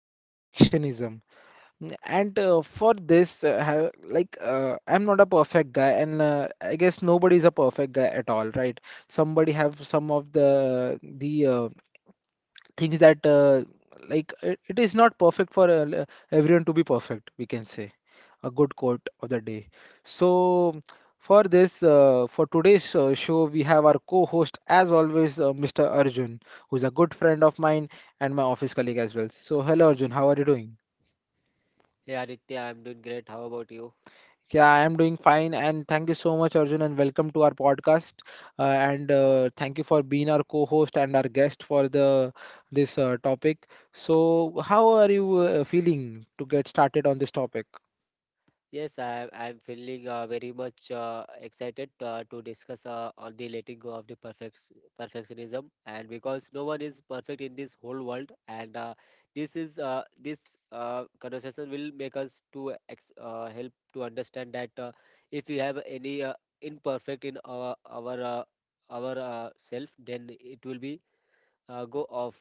perfectionism. Mm. And for this, I'm not a perfect guy, and I guess nobody is a perfect guy at all, right? Somebody have some of the things that it is not perfect for everyone to be perfect, we can say a good quote of the day. So, for this, for today's show, we have our co host, as always, Mr. Arjun, who's a good friend of mine and my office colleague as well. So, hello, Arjun, how are you doing? Hey Aditya, I'm doing great. How about you? Yeah, I am doing fine, and thank you so much, Arjun, and welcome to our podcast. And thank you for being our co-host and our guest for the this topic. So, how are you feeling to get started on this topic? Yes, I'm feeling very much excited to discuss on the letting go of the perfectionism and because no one is perfect in this whole world and this conversation will make us to ex help to understand that if we have any imperfect in our self, then it will be go off.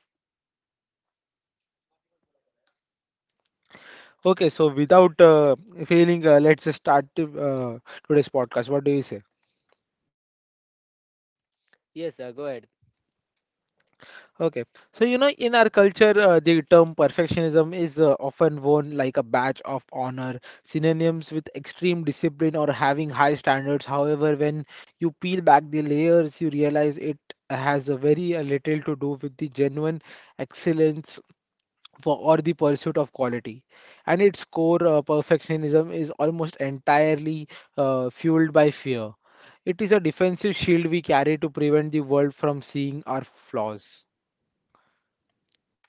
Okay, so without failing, let's just start today's podcast. What do you say? Yes, go ahead. Okay, so you know, in our culture, the term perfectionism is often worn like a badge of honor, synonyms with extreme discipline or having high standards. However, when you peel back the layers, you realize it has a very little to do with the genuine excellence for or the pursuit of quality and its core perfectionism is almost entirely fueled by fear. It is a defensive shield we carry to prevent the world from seeing our flaws.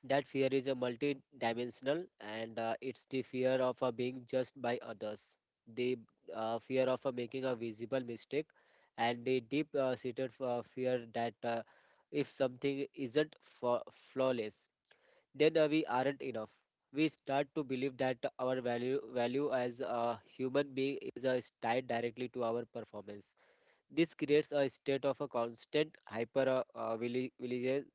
That fear is a multi-dimensional, and it's the fear of being judged by others, the fear of making a visible mistake, and the deep-seated seated fear that if something isn't flawless, then we aren't enough. We start to believe that our value as a human being is tied directly to our performance. This creates a state of a constant hyper uh, uh, vigil- vigilance,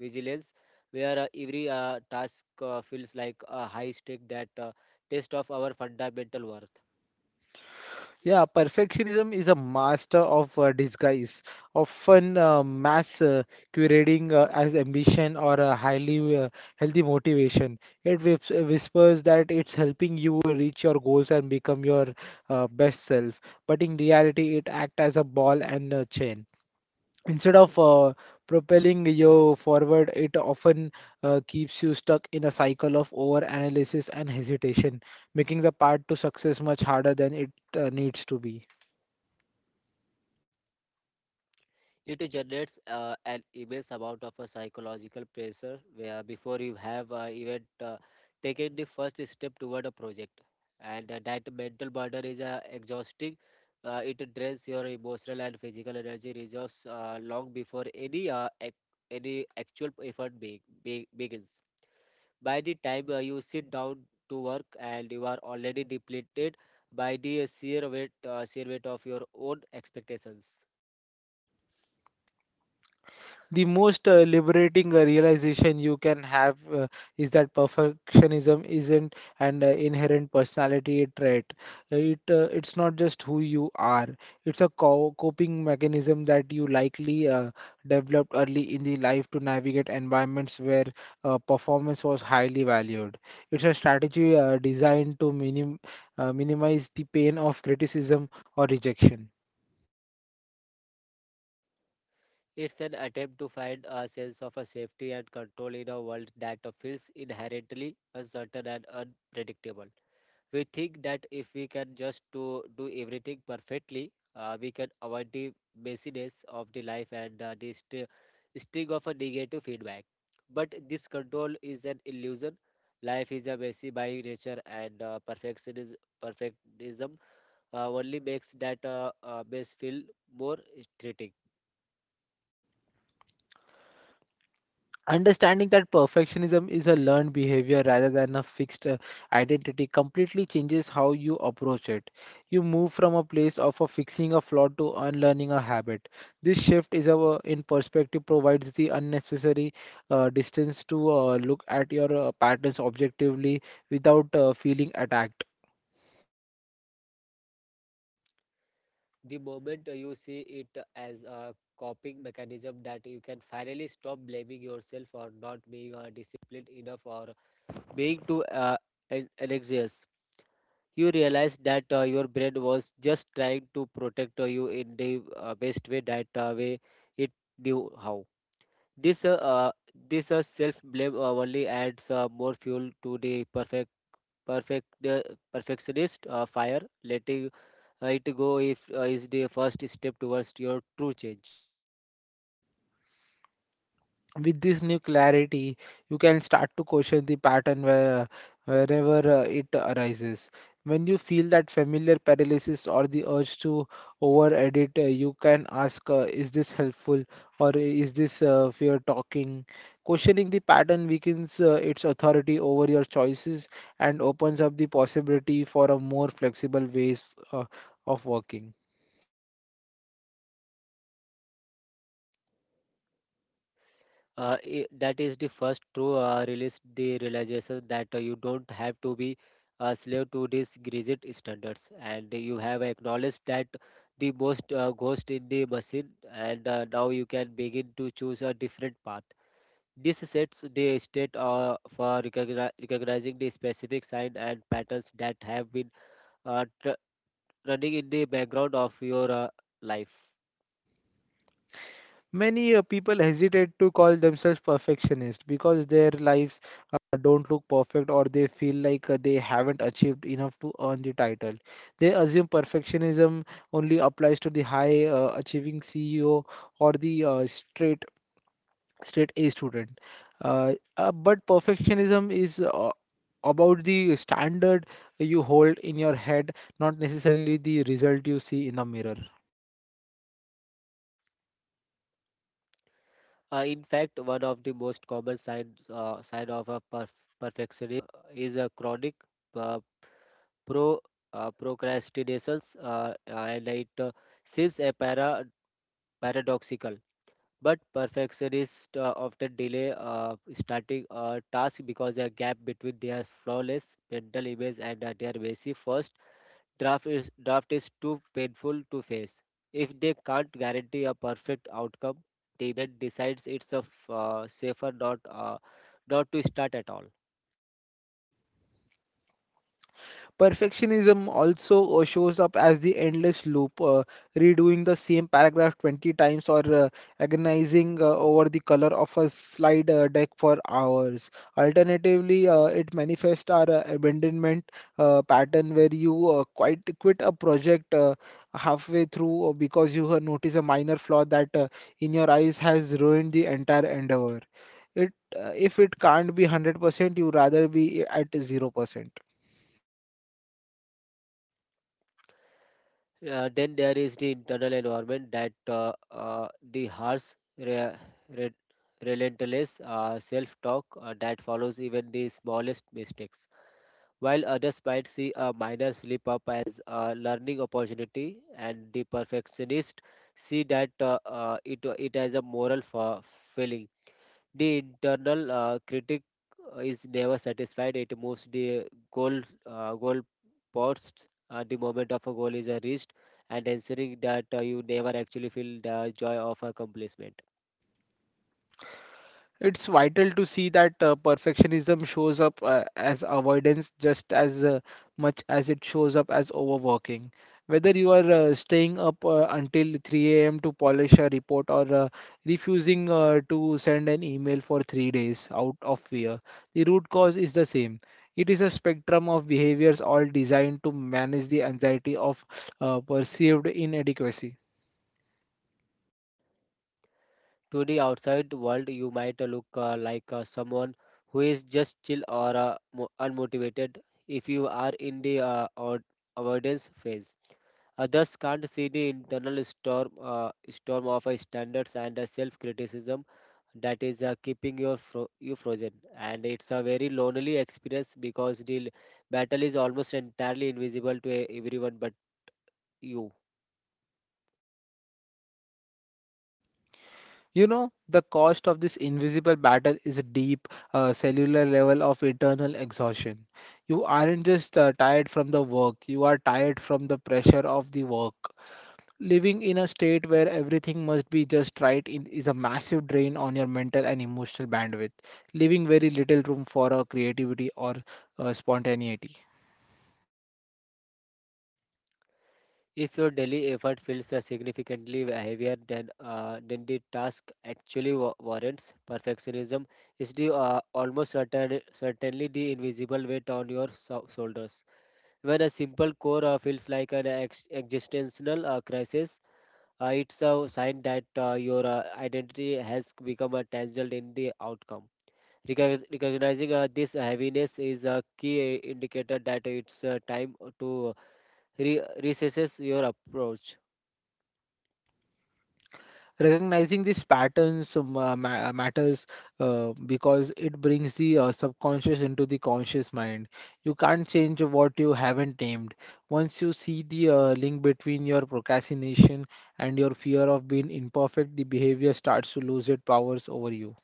vigilance, where every task feels like a high stake that test of our fundamental worth. Yeah, perfectionism is a master of disguise, often mass curating as ambition or a highly healthy motivation. It whispers that it's helping you reach your goals and become your best self, but in reality, it acts as a ball and a chain. Instead of propelling you forward, it often keeps you stuck in a cycle of overanalysis and hesitation, making the path to success much harder than it needs to be. It generates an immense amount of a psychological pressure where before you have even taken the first step toward a project, and that mental burden is exhausting. It drains your emotional and physical energy reserves long before any actual effort begins. By the time you sit down to work, and you are already depleted by the sheer weight of your own expectations. The most liberating realization you can have is that perfectionism isn't an inherent personality trait. It's not just who you are. It's a coping mechanism that you likely developed early in the life to navigate environments where performance was highly valued. It's a strategy designed to minimize the pain of criticism or rejection. It's an attempt to find a sense of a safety and control in a world that feels inherently uncertain and unpredictable. We think that if we can just to do everything perfectly, we can avoid the messiness of the life and the sting of a negative feedback. But this control is an illusion. Life is a messy by nature, and perfectionism only makes that mess feel more threatening. Understanding that perfectionism is a learned behavior rather than a fixed identity completely changes how you approach it. You move from a place of a fixing a flaw to unlearning a habit. This shift is our in perspective provides the unnecessary distance to look at your patterns objectively without feeling attacked. The moment you see it as a coping mechanism, that you can finally stop blaming yourself for not being disciplined enough or being to an anxious, you realized that your brain was just trying to protect you in the best way that way it knew how. This uh, uh, this self blame only adds more fuel to the perfect uh, perfectionist fire. Letting it go if is the first step towards your true change. With this new clarity, you can start to question wherever it arises. When you feel that familiar paralysis or the urge to over edit, you can ask, is this helpful or is this fear talking? Questioning the pattern weakens its authority over your choices and opens up the possibility for a more flexible ways of working. That is the first true release, the realization that you don't have to be a slave to these rigid standards, and you have acknowledged that the most ghost in the machine, and now you can begin to choose a different path. This sets the state for recognizing the specific signs and patterns that have been uh, tr- running in the background of your life. Many people hesitate to call themselves perfectionist because their lives don't look perfect or they feel like they haven't achieved enough to earn the title. They assume perfectionism only applies to the high achieving CEO or the straight A student. But perfectionism is about the standard you hold in your head, not necessarily the result you see in the mirror. In fact, one of the most common sign of a perfectionism is a chronic uh, pro procrastinations, and it seems a paradoxical. But perfectionists often delay starting a task, because a gap between their flawless mental image and their messy first draft is too painful to face. If they can't guarantee a perfect outcome, the event decides it's a safer not to start at all. Perfectionism also shows up as the endless loop, redoing the same paragraph 20 times or agonizing over the color of a slide deck for hours. Alternatively, it manifests our abandonment pattern where you quit a project halfway through because you have noticed a minor flaw that in your eyes has ruined the entire endeavor. If it can't be 100%, you rather be at 0%. Then there is the internal environment that the harsh, re- re- relentless self-talk that follows even the smallest mistakes. While others might see a minor slip up as a learning opportunity, and the perfectionist see that it as a moral failing. The internal critic is never satisfied. It moves the goal posts the moment of a goal is reached, and ensuring that you never actually feel the joy of accomplishment. It's vital to see that perfectionism shows up as avoidance just as much as it shows up as overworking. Whether you are staying up until 3 a.m. to polish a report or refusing to send an email for 3 days out of fear, the root cause is the same. It is a spectrum of behaviors all designed to manage the anxiety of perceived inadequacy. To the outside world, you might look like someone who is just chill or unmotivated if you are in the avoidance phase. Others can't see the internal storm of standards and self criticism that is keeping you frozen, and it's a very lonely experience because the battle is almost entirely invisible to everyone but you. You know, the cost of this invisible battle is a deep, cellular level of internal exhaustion. You aren't just tired from the work, you are tired from the pressure of the work. Living in a state where everything must be just right in, is a massive drain on your mental and emotional bandwidth, leaving very little room for creativity or spontaneity. If your daily effort feels significantly heavier than the task actually warrants, perfectionism is the certainly the invisible weight on your shoulders. When a simple core feels like an existential crisis, it's a sign that your identity has become tangled in the outcome. Recognizing this heaviness is a key indicator that it's time to reassess your approach. Recognizing these patterns matters because it brings the subconscious into the conscious mind. You can't change what you haven't named. Once you see the link between your procrastination and your fear of being imperfect, the behavior starts to lose its powers over you.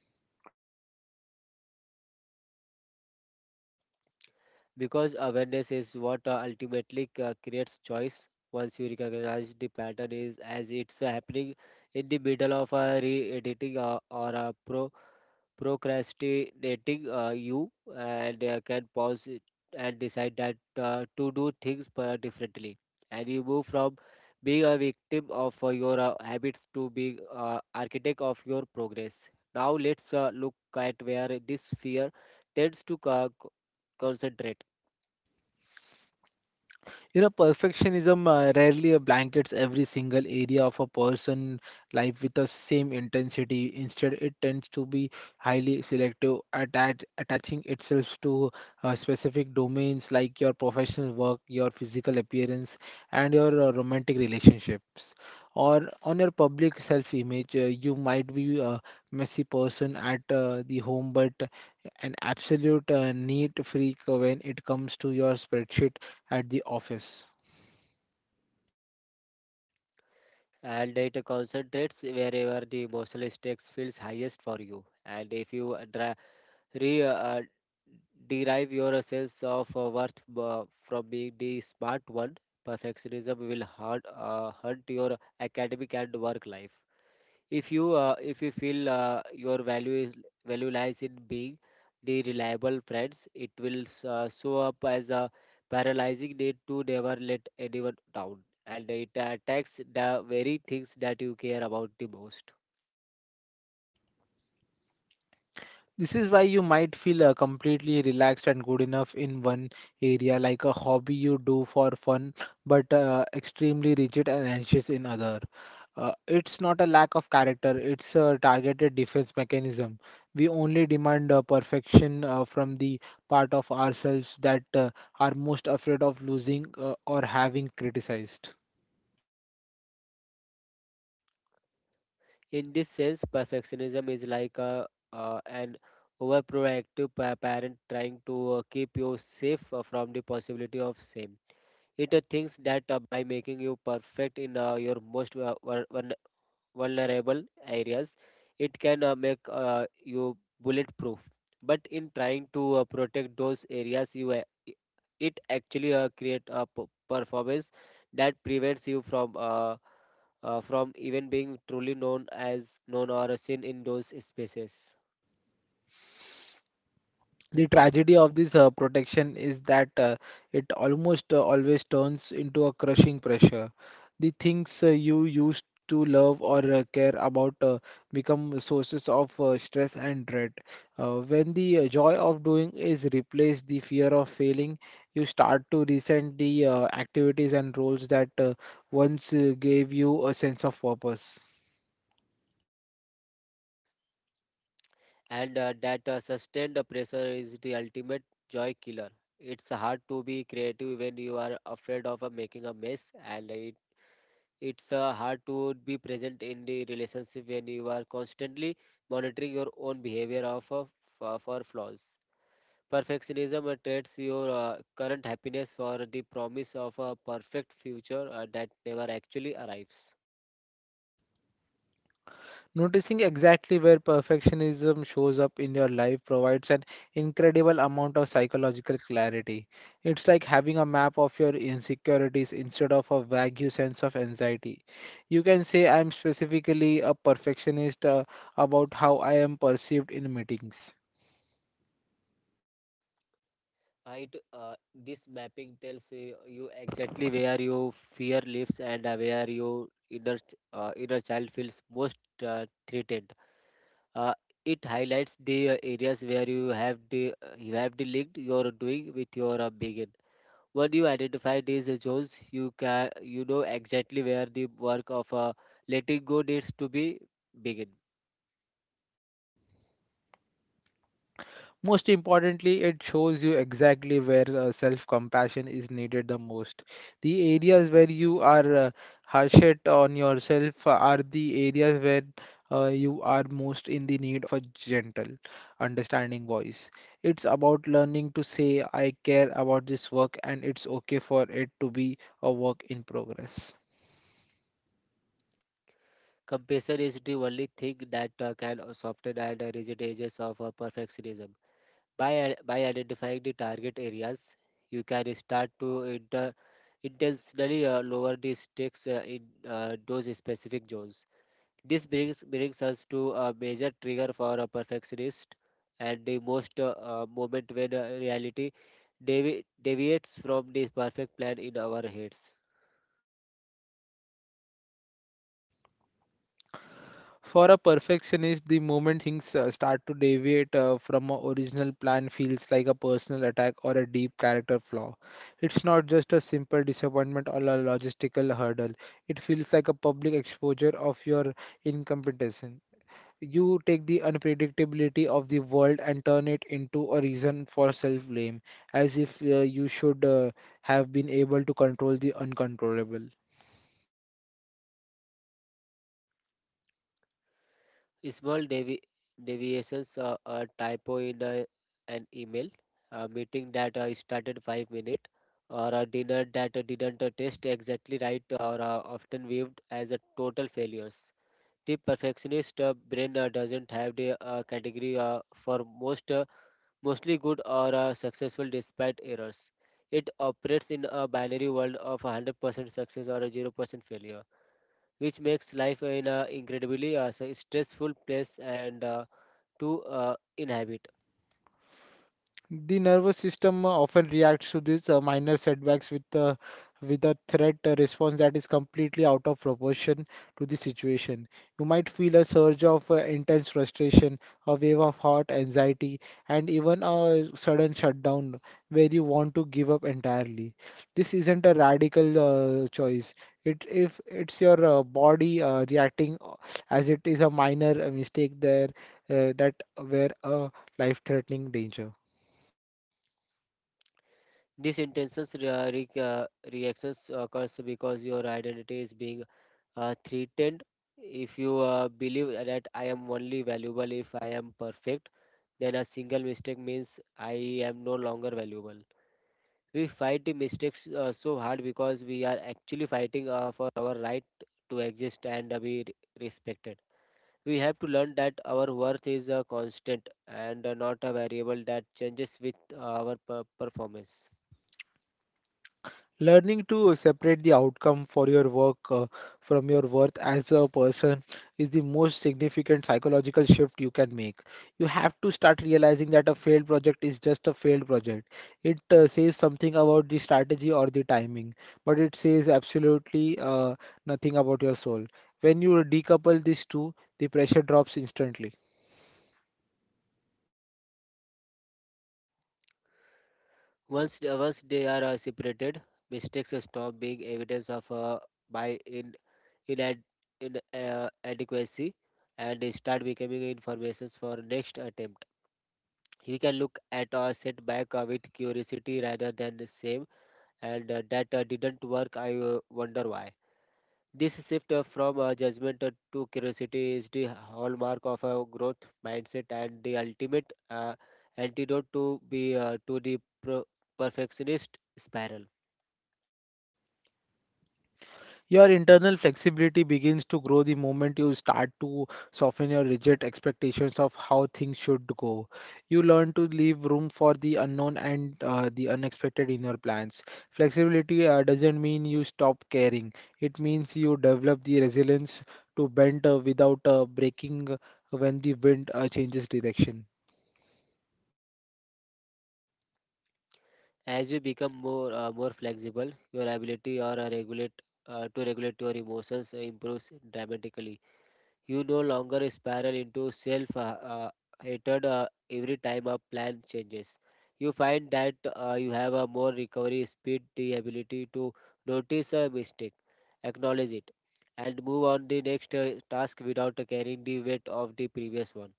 Because awareness is what ultimately creates choice. Once you recognize the pattern is as it's happening in the middle of re-editing or procrastinating, you and can pause it, and decide that to do things differently, and you move from being a victim of your habits to being architect of your progress. Now let's look at where this fear tends to concentrate. You know, perfectionism rarely blankets every single area of a person' life with the same intensity. Instead, it tends to be highly selective, attaching itself to specific domains like your professional work, your physical appearance, and your romantic relationships. Or on your public self image, you might be a messy person at the home, but an absolute neat freak when it comes to your spreadsheet at the office. And it concentrates wherever the emotional stakes feels highest for you. And if you re, uh, derive your sense of worth from being the smart one, perfectionism will haunt your academic and work life. If you feel your value lies in being the reliable friends, it will show up as a paralyzing need to never let anyone down, and it attacks the very things that you care about the most. This is why you might feel completely relaxed and good enough in one area, like a hobby you do for fun, but extremely rigid and anxious in other. It's not a lack of character, it's a targeted defense mechanism. We only demand perfection from the part of ourselves that are most afraid of losing or having criticized. In this sense, perfectionism is like a an overproactive parent trying to keep you safe from the possibility of same. It thinks that by making you perfect in your most vulnerable areas, it can make you bulletproof. But in trying to protect those areas, it actually create a performance that prevents you from even being truly known as known or seen in those spaces. The tragedy of this protection is that it almost always turns into a crushing pressure. The things you used to love or care about become sources of stress and dread. When the joy of doing is replaced the fear of failing, you start to resent the activities and roles that once gave you a sense of purpose. And that sustained pressure is the ultimate joy killer. It's hard to be creative when you are afraid of making a mess, and it's hard to be present in the relationship when you are constantly monitoring your own behavior of for flaws. Perfectionism trades your current happiness for the promise of a perfect future that never actually arrives. Noticing exactly where perfectionism shows up in your life provides an incredible amount of psychological clarity. It's like having a map of your insecurities instead of a vague sense of anxiety. You can say, I'm specifically a perfectionist about how I am perceived in meetings. Right, this mapping tells you exactly where your fear lives, and where your inner child feels most threatened. uh, it highlights the areas where you have the link you're doing with your begin. When you identify these zones, you can you know exactly where the work of letting go needs to be begin. Most importantly, it shows you exactly where self compassion is needed the most. The areas where you are harsh it on yourself are the areas where you are most in the need of a gentle, understanding voice. It's about learning to say, I care about this work, and it's okay for it to be a work in progress. Compassion is the only thing that can soften and rigid edges of perfectionism. By identifying the target areas, you can start to intentionally lower the stakes in those specific zones. This brings us to a major trigger for a perfectionist, and the most moment when reality deviates from the perfect plan in our heads. For a perfectionist, the moment things start to deviate from a original plan feels like a personal attack or a deep character flaw. It's not just a simple disappointment or a logistical hurdle. It feels like a public exposure of your incompetence. You take the unpredictability of the world and turn it into a reason for self-blame, as if you should have been able to control the uncontrollable. Small deviations, a typo in a, an email, a meeting that started 5 minutes, or a dinner that didn't taste exactly right, are often viewed as a total failures. The perfectionist brain doesn't have the category for most mostly good or successful despite errors. It operates in a binary world of 100% success or a 0% failure, which makes life an incredibly stressful place and to inhabit. The nervous system often reacts to these minor setbacks with a threat response that is completely out of proportion to the situation. You might feel a surge of intense frustration, a wave of hot anxiety, and even a sudden shutdown where you want to give up entirely. This isn't a radical choice. It if it's your body reacting as it is a minor mistake there that were a life-threatening danger. These intentions reactions occurs because your identity is being threatened. If you believe that I am only valuable if I am perfect, then a single mistake means I am no longer valuable. We fight the mistakes so hard because we are actually fighting for our right to exist and respected. We have to learn that our worth is a constant and not a variable that changes with performance. Learning to separate the outcome for your work from your worth as a person is the most significant psychological shift you can make. You have to start realizing that a failed project is just a failed project. It says something about the strategy or the timing, but it says absolutely nothing about your soul. When you decouple these two, the pressure drops instantly. Once, once they are separated, mistakes stop being evidence of by in inad- inadequacy, and they start becoming informations for next attempt. We can look at our setback with curiosity rather than the same, and that didn't work. I wonder why. This shift from judgment to curiosity is the hallmark of a growth mindset and the ultimate antidote to the pro- perfectionist spiral. Your internal flexibility begins to grow the moment you start to soften your rigid expectations of how things should go. You learn to leave room for the unknown and the unexpected in your plans. Flexibility doesn't mean you stop caring, it means you develop the resilience to bend without breaking when the wind changes direction. As you become more flexible, your ability or regulate to regulate your emotions improves dramatically. You no longer spiral into self uh, hatred every time a plan changes. You find that you have a more recovery speed, the ability to notice a mistake, acknowledge it, and move on the next task without carrying the weight of the previous one.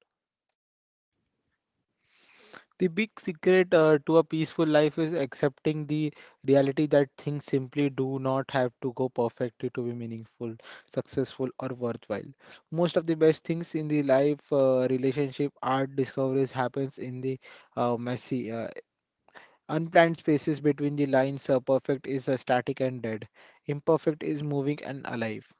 The big secret to a peaceful life is accepting the reality that things simply do not have to go perfectly to be meaningful, successful, or worthwhile. Most of the best things in the life, relationship, art, discoveries happens in the messy, unplanned spaces between the lines. Perfect is static and dead. Imperfect is moving and alive.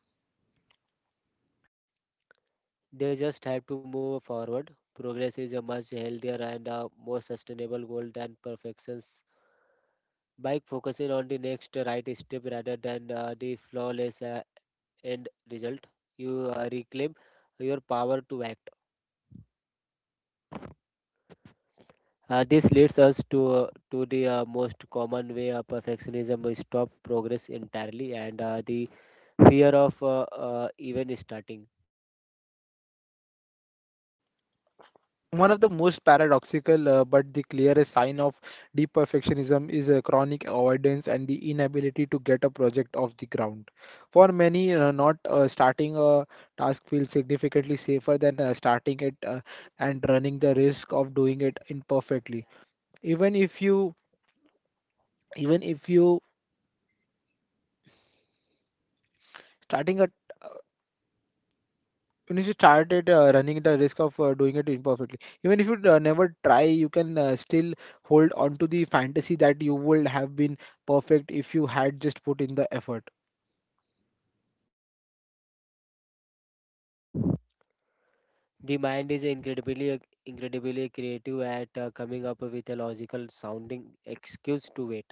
They just have to move forward. Progress is a much healthier and a more sustainable goal than perfections. By focusing on the next right step rather than the flawless end result, you reclaim your power to act. This leads us to the most common way perfectionism will stop progress entirely and the fear of even starting. One of the most paradoxical but the clearest sign of deep perfectionism is a chronic avoidance and the inability to get a project off the ground. For many, not starting a task feels significantly safer than starting it and running the risk of doing it imperfectly. Even if you, even if you starting a when you started running the risk of doing it imperfectly even if you never try you can still hold on to the fantasy that you would have been perfect if you had just put in the effort. The mind is incredibly creative at coming up with a logical sounding excuse to wait.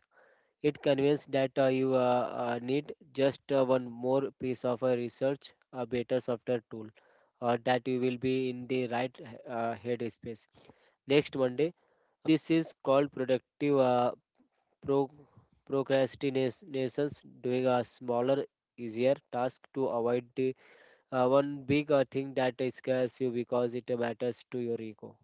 It convinced that you need just one more piece of research, a better software tool, or that you will be in the right headspace. Next Monday, this is called productive pro- procrastinations, doing a smaller, easier task to avoid the one big thing that scares you because it matters to your ego.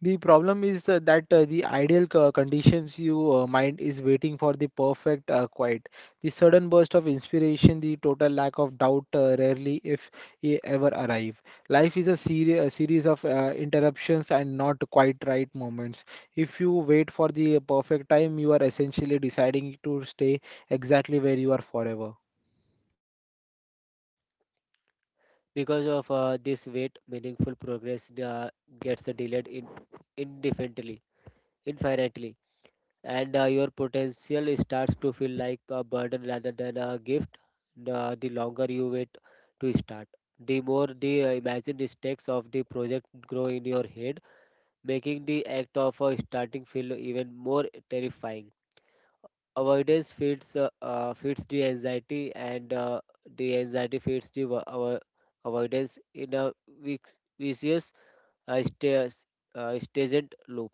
The problem is that the ideal conditions you mind is waiting for, the perfect quiet, the sudden burst of inspiration, the total lack of doubt, rarely, if ever, arrive. Life is a series of interruptions and not quite right moments. If you wait for the perfect time, you are essentially deciding to stay exactly where you are forever. Because of this weight, meaningful progress gets delayed in indefinitely, infinitely, and your potential starts to feel like a burden rather than a gift. The longer you wait to start, the more the imagined stakes of the project grow in your head, making the act of starting feel even more terrifying. Avoidance feeds the anxiety, and the anxiety feeds the avoidance in a vicious uh, sta- stagnant loop.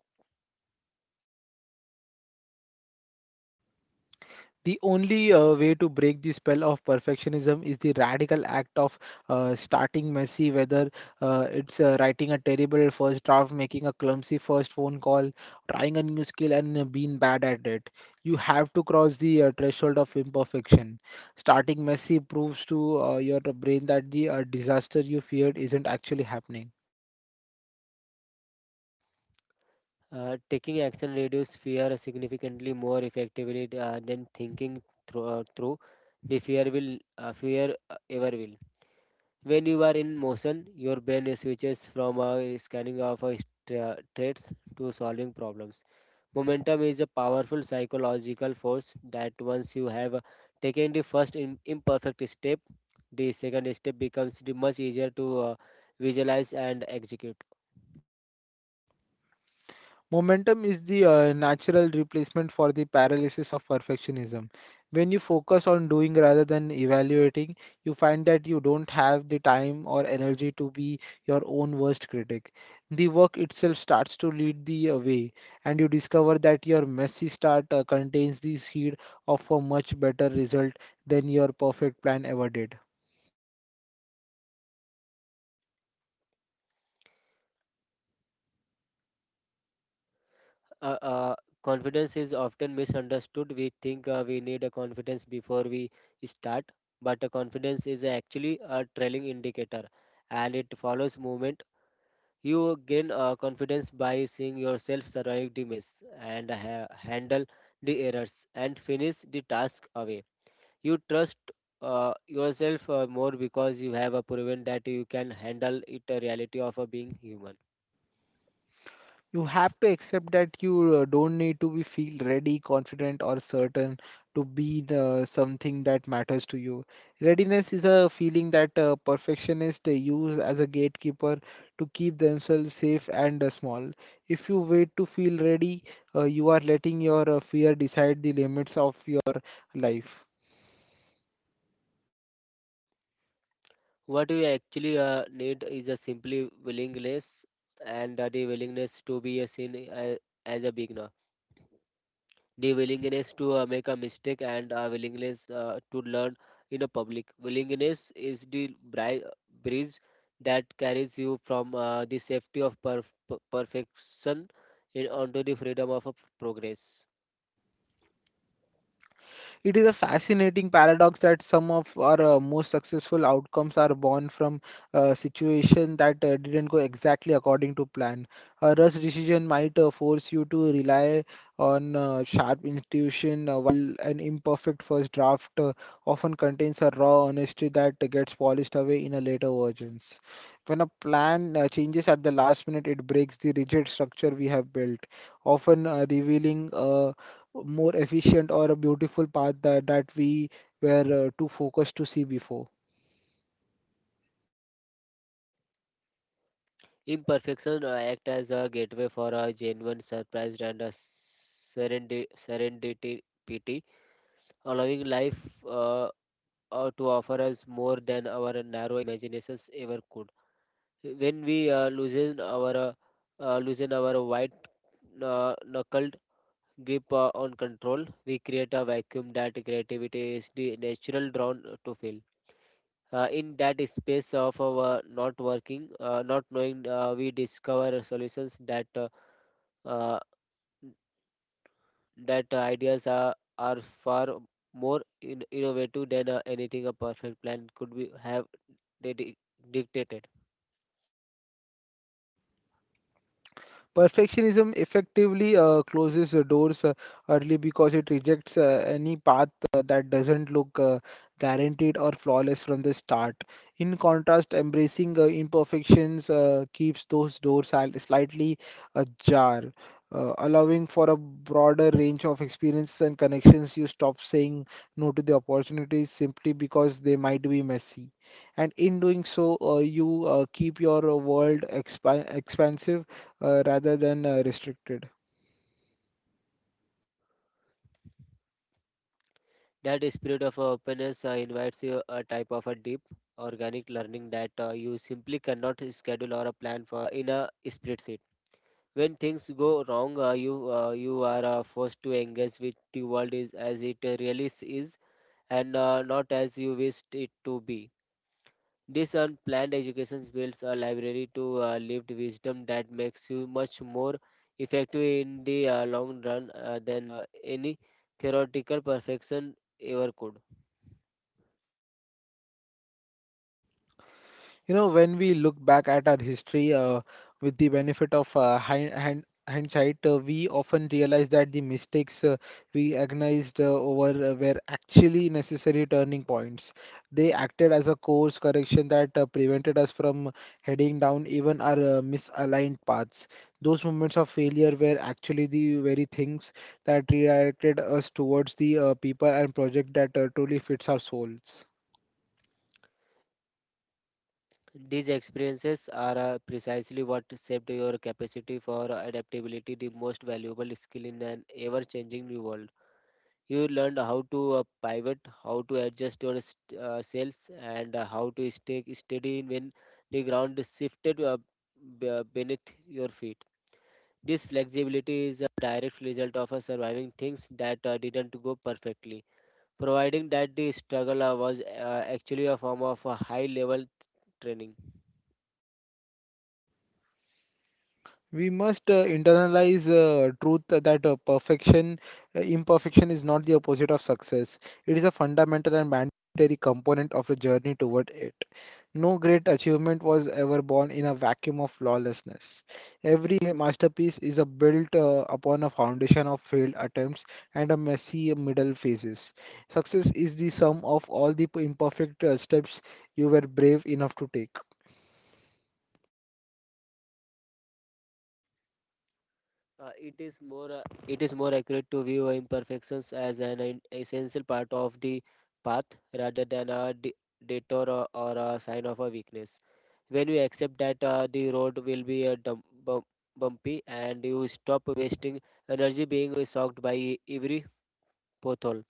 The only way to break the spell of perfectionism is the radical act of starting messy, whether it's writing a terrible first draft, making a clumsy first phone call, trying a new skill, and being bad at it. You have to cross the threshold of imperfection. Starting messy proves to your brain that the disaster you feared isn't actually happening. Taking action reduces fear significantly more effectively than thinking through the fear ever will. When you are in motion, your brain switches from a scanning of a traits to solving problems. Momentum is a powerful psychological force that once you have taken the first imperfect step, the second step becomes the much easier to visualize and execute. Momentum is the natural replacement for the paralysis of perfectionism. When you focus on doing rather than evaluating, you find that you don't have the time or energy to be your own worst critic. The work itself starts to lead the way, and you discover that your messy start contains the seed of a much better result than your perfect plan ever did. uh, uh, confidence is often misunderstood. We think we need a confidence before we start, but a confidence is actually a trailing indicator, and it follows movement. You gain confidence by seeing yourself survive the mess and handle the errors and finish the task away. You trust yourself more because you have a proven that you can handle it. A reality of being human. You have to accept that you don't need to be feel ready, confident, or certain to be the something that matters to you. Readiness is a feeling that perfectionists they use as a gatekeeper to keep themselves safe and small. If you wait to feel ready, you are letting your fear decide the limits of your life. What you actually need is a simply willingness and the willingness to be as a beginner, the willingness to make a mistake and a willingness to learn in a public. Willingness is the bridge that carries you from the safety of perfection in, onto the freedom of a progress. It is a fascinating paradox that some of our most successful outcomes are born from a situation that didn't go exactly according to plan. A rush decision might force you to rely on sharp intuition, while an imperfect first draft often contains a raw honesty that gets polished away in a later versions. When a plan changes at the last minute, it breaks the rigid structure we have built, often revealing a more efficient or a beautiful path that we were too focused to see before. Imperfection act as a gateway for a genuine surprise and a serendipity allowing life uh, to offer us more than our narrow imaginations ever could. When we loosen our white knuckled grip on control, we create a vacuum that creativity is the natural drawn to fill. In that space of our not working, not knowing, we discover solutions uh, that ideas are far more innovative than anything a perfect plan could be have dedi- dictated. Perfectionism effectively closes the doors early because it rejects any path that doesn't look guaranteed or flawless from the start. In contrast, embracing imperfections keeps those doors slightly ajar, allowing for a broader range of experiences and connections. You stop saying no to the opportunities simply because they might be messy. And in doing so, you keep your world expansive rather than restricted. That spirit of openness invites you a type of a deep organic learning that you simply cannot schedule or a plan for in a spreadsheet. When things go wrong, you are forced to engage with the world is as it really is and not as you wished it to be. This unplanned education builds a library to lived wisdom that makes you much more effective in the long run than any theoretical perfection ever could. You know, when we look back at our history, with the benefit of hindsight, we often realize that the mistakes we agonized over were actually necessary turning points. They acted as a course correction that prevented us from heading down even our misaligned paths. Those moments of failure were actually the very things that redirected us towards the people and project that truly fits our souls. These experiences are precisely what shaped your capacity for adaptability, the most valuable skill in an ever changing new world. You learned how to pivot, how to adjust your sales, and how to stay steady when the ground shifted beneath your feet. This flexibility is a direct result of surviving things that didn't go perfectly, providing that the struggle was actually a form of a high level training. We must internalize truth that imperfection is not the opposite of success. It is a fundamental and mandatory component of the journey toward it. No great achievement was ever born in a vacuum of flawlessness. Every masterpiece is a built upon a foundation of failed attempts and a messy middle phases. Success is the sum of all the imperfect steps you were brave enough to take. Uh, it is more uh, it is more accurate to view imperfections as an essential part of the path rather than a detour or a sign of a weakness. When we accept that the road will be a bumpy and you stop wasting energy being soaked by every pothole,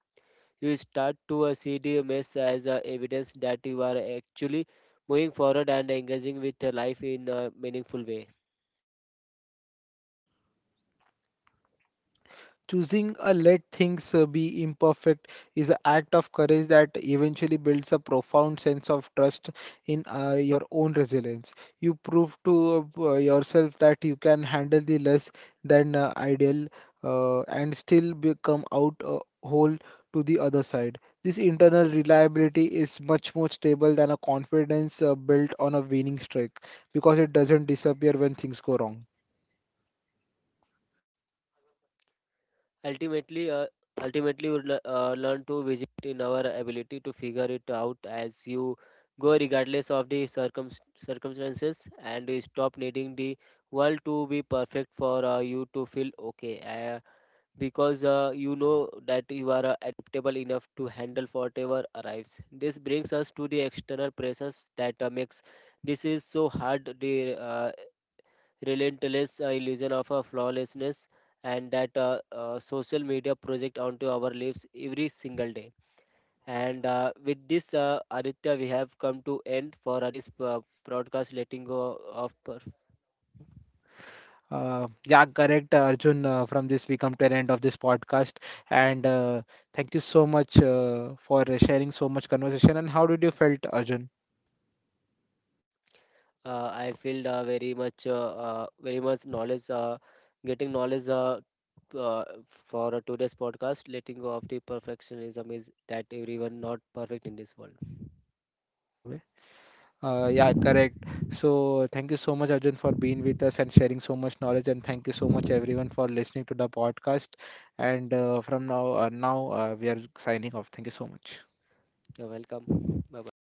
you start to see the mess as evidence that you are actually moving forward and engaging with life in a meaningful way. Choosing a let things be imperfect is an act of courage that eventually builds a profound sense of trust in your own resilience. You prove to yourself that you can handle the less than ideal and still become out whole to the other side. This internal reliability is much more stable than a confidence built on a winning streak because it doesn't disappear when things go wrong. Ultimately, uh, ultimately, you learn to visit in our ability to figure it out as you go, regardless of the circumstances, and you stop needing the world to be perfect for you to feel okay, because you know that you are adaptable enough to handle whatever arrives. This brings us to the external pressures that makes this is so hard, the relentless illusion of flawlessness and that social media project onto our lives every single day. And with this, Aditya, we have come to end for this broadcast letting go of. Yeah, correct, Arjun. From this, we come to an end of this podcast. And thank you so much for sharing so much conversation. And how did you felt, Arjun? I feel very much knowledge getting knowledge t- uh, for today's podcast letting go of the perfectionism is that everyone not perfect in this world. Yeah, correct. So thank you so much, Arjun, for being with us and sharing so much knowledge. And thank you so much, everyone, for listening to the podcast. And from now, now we are signing off. Thank you so much. You're welcome. Bye bye.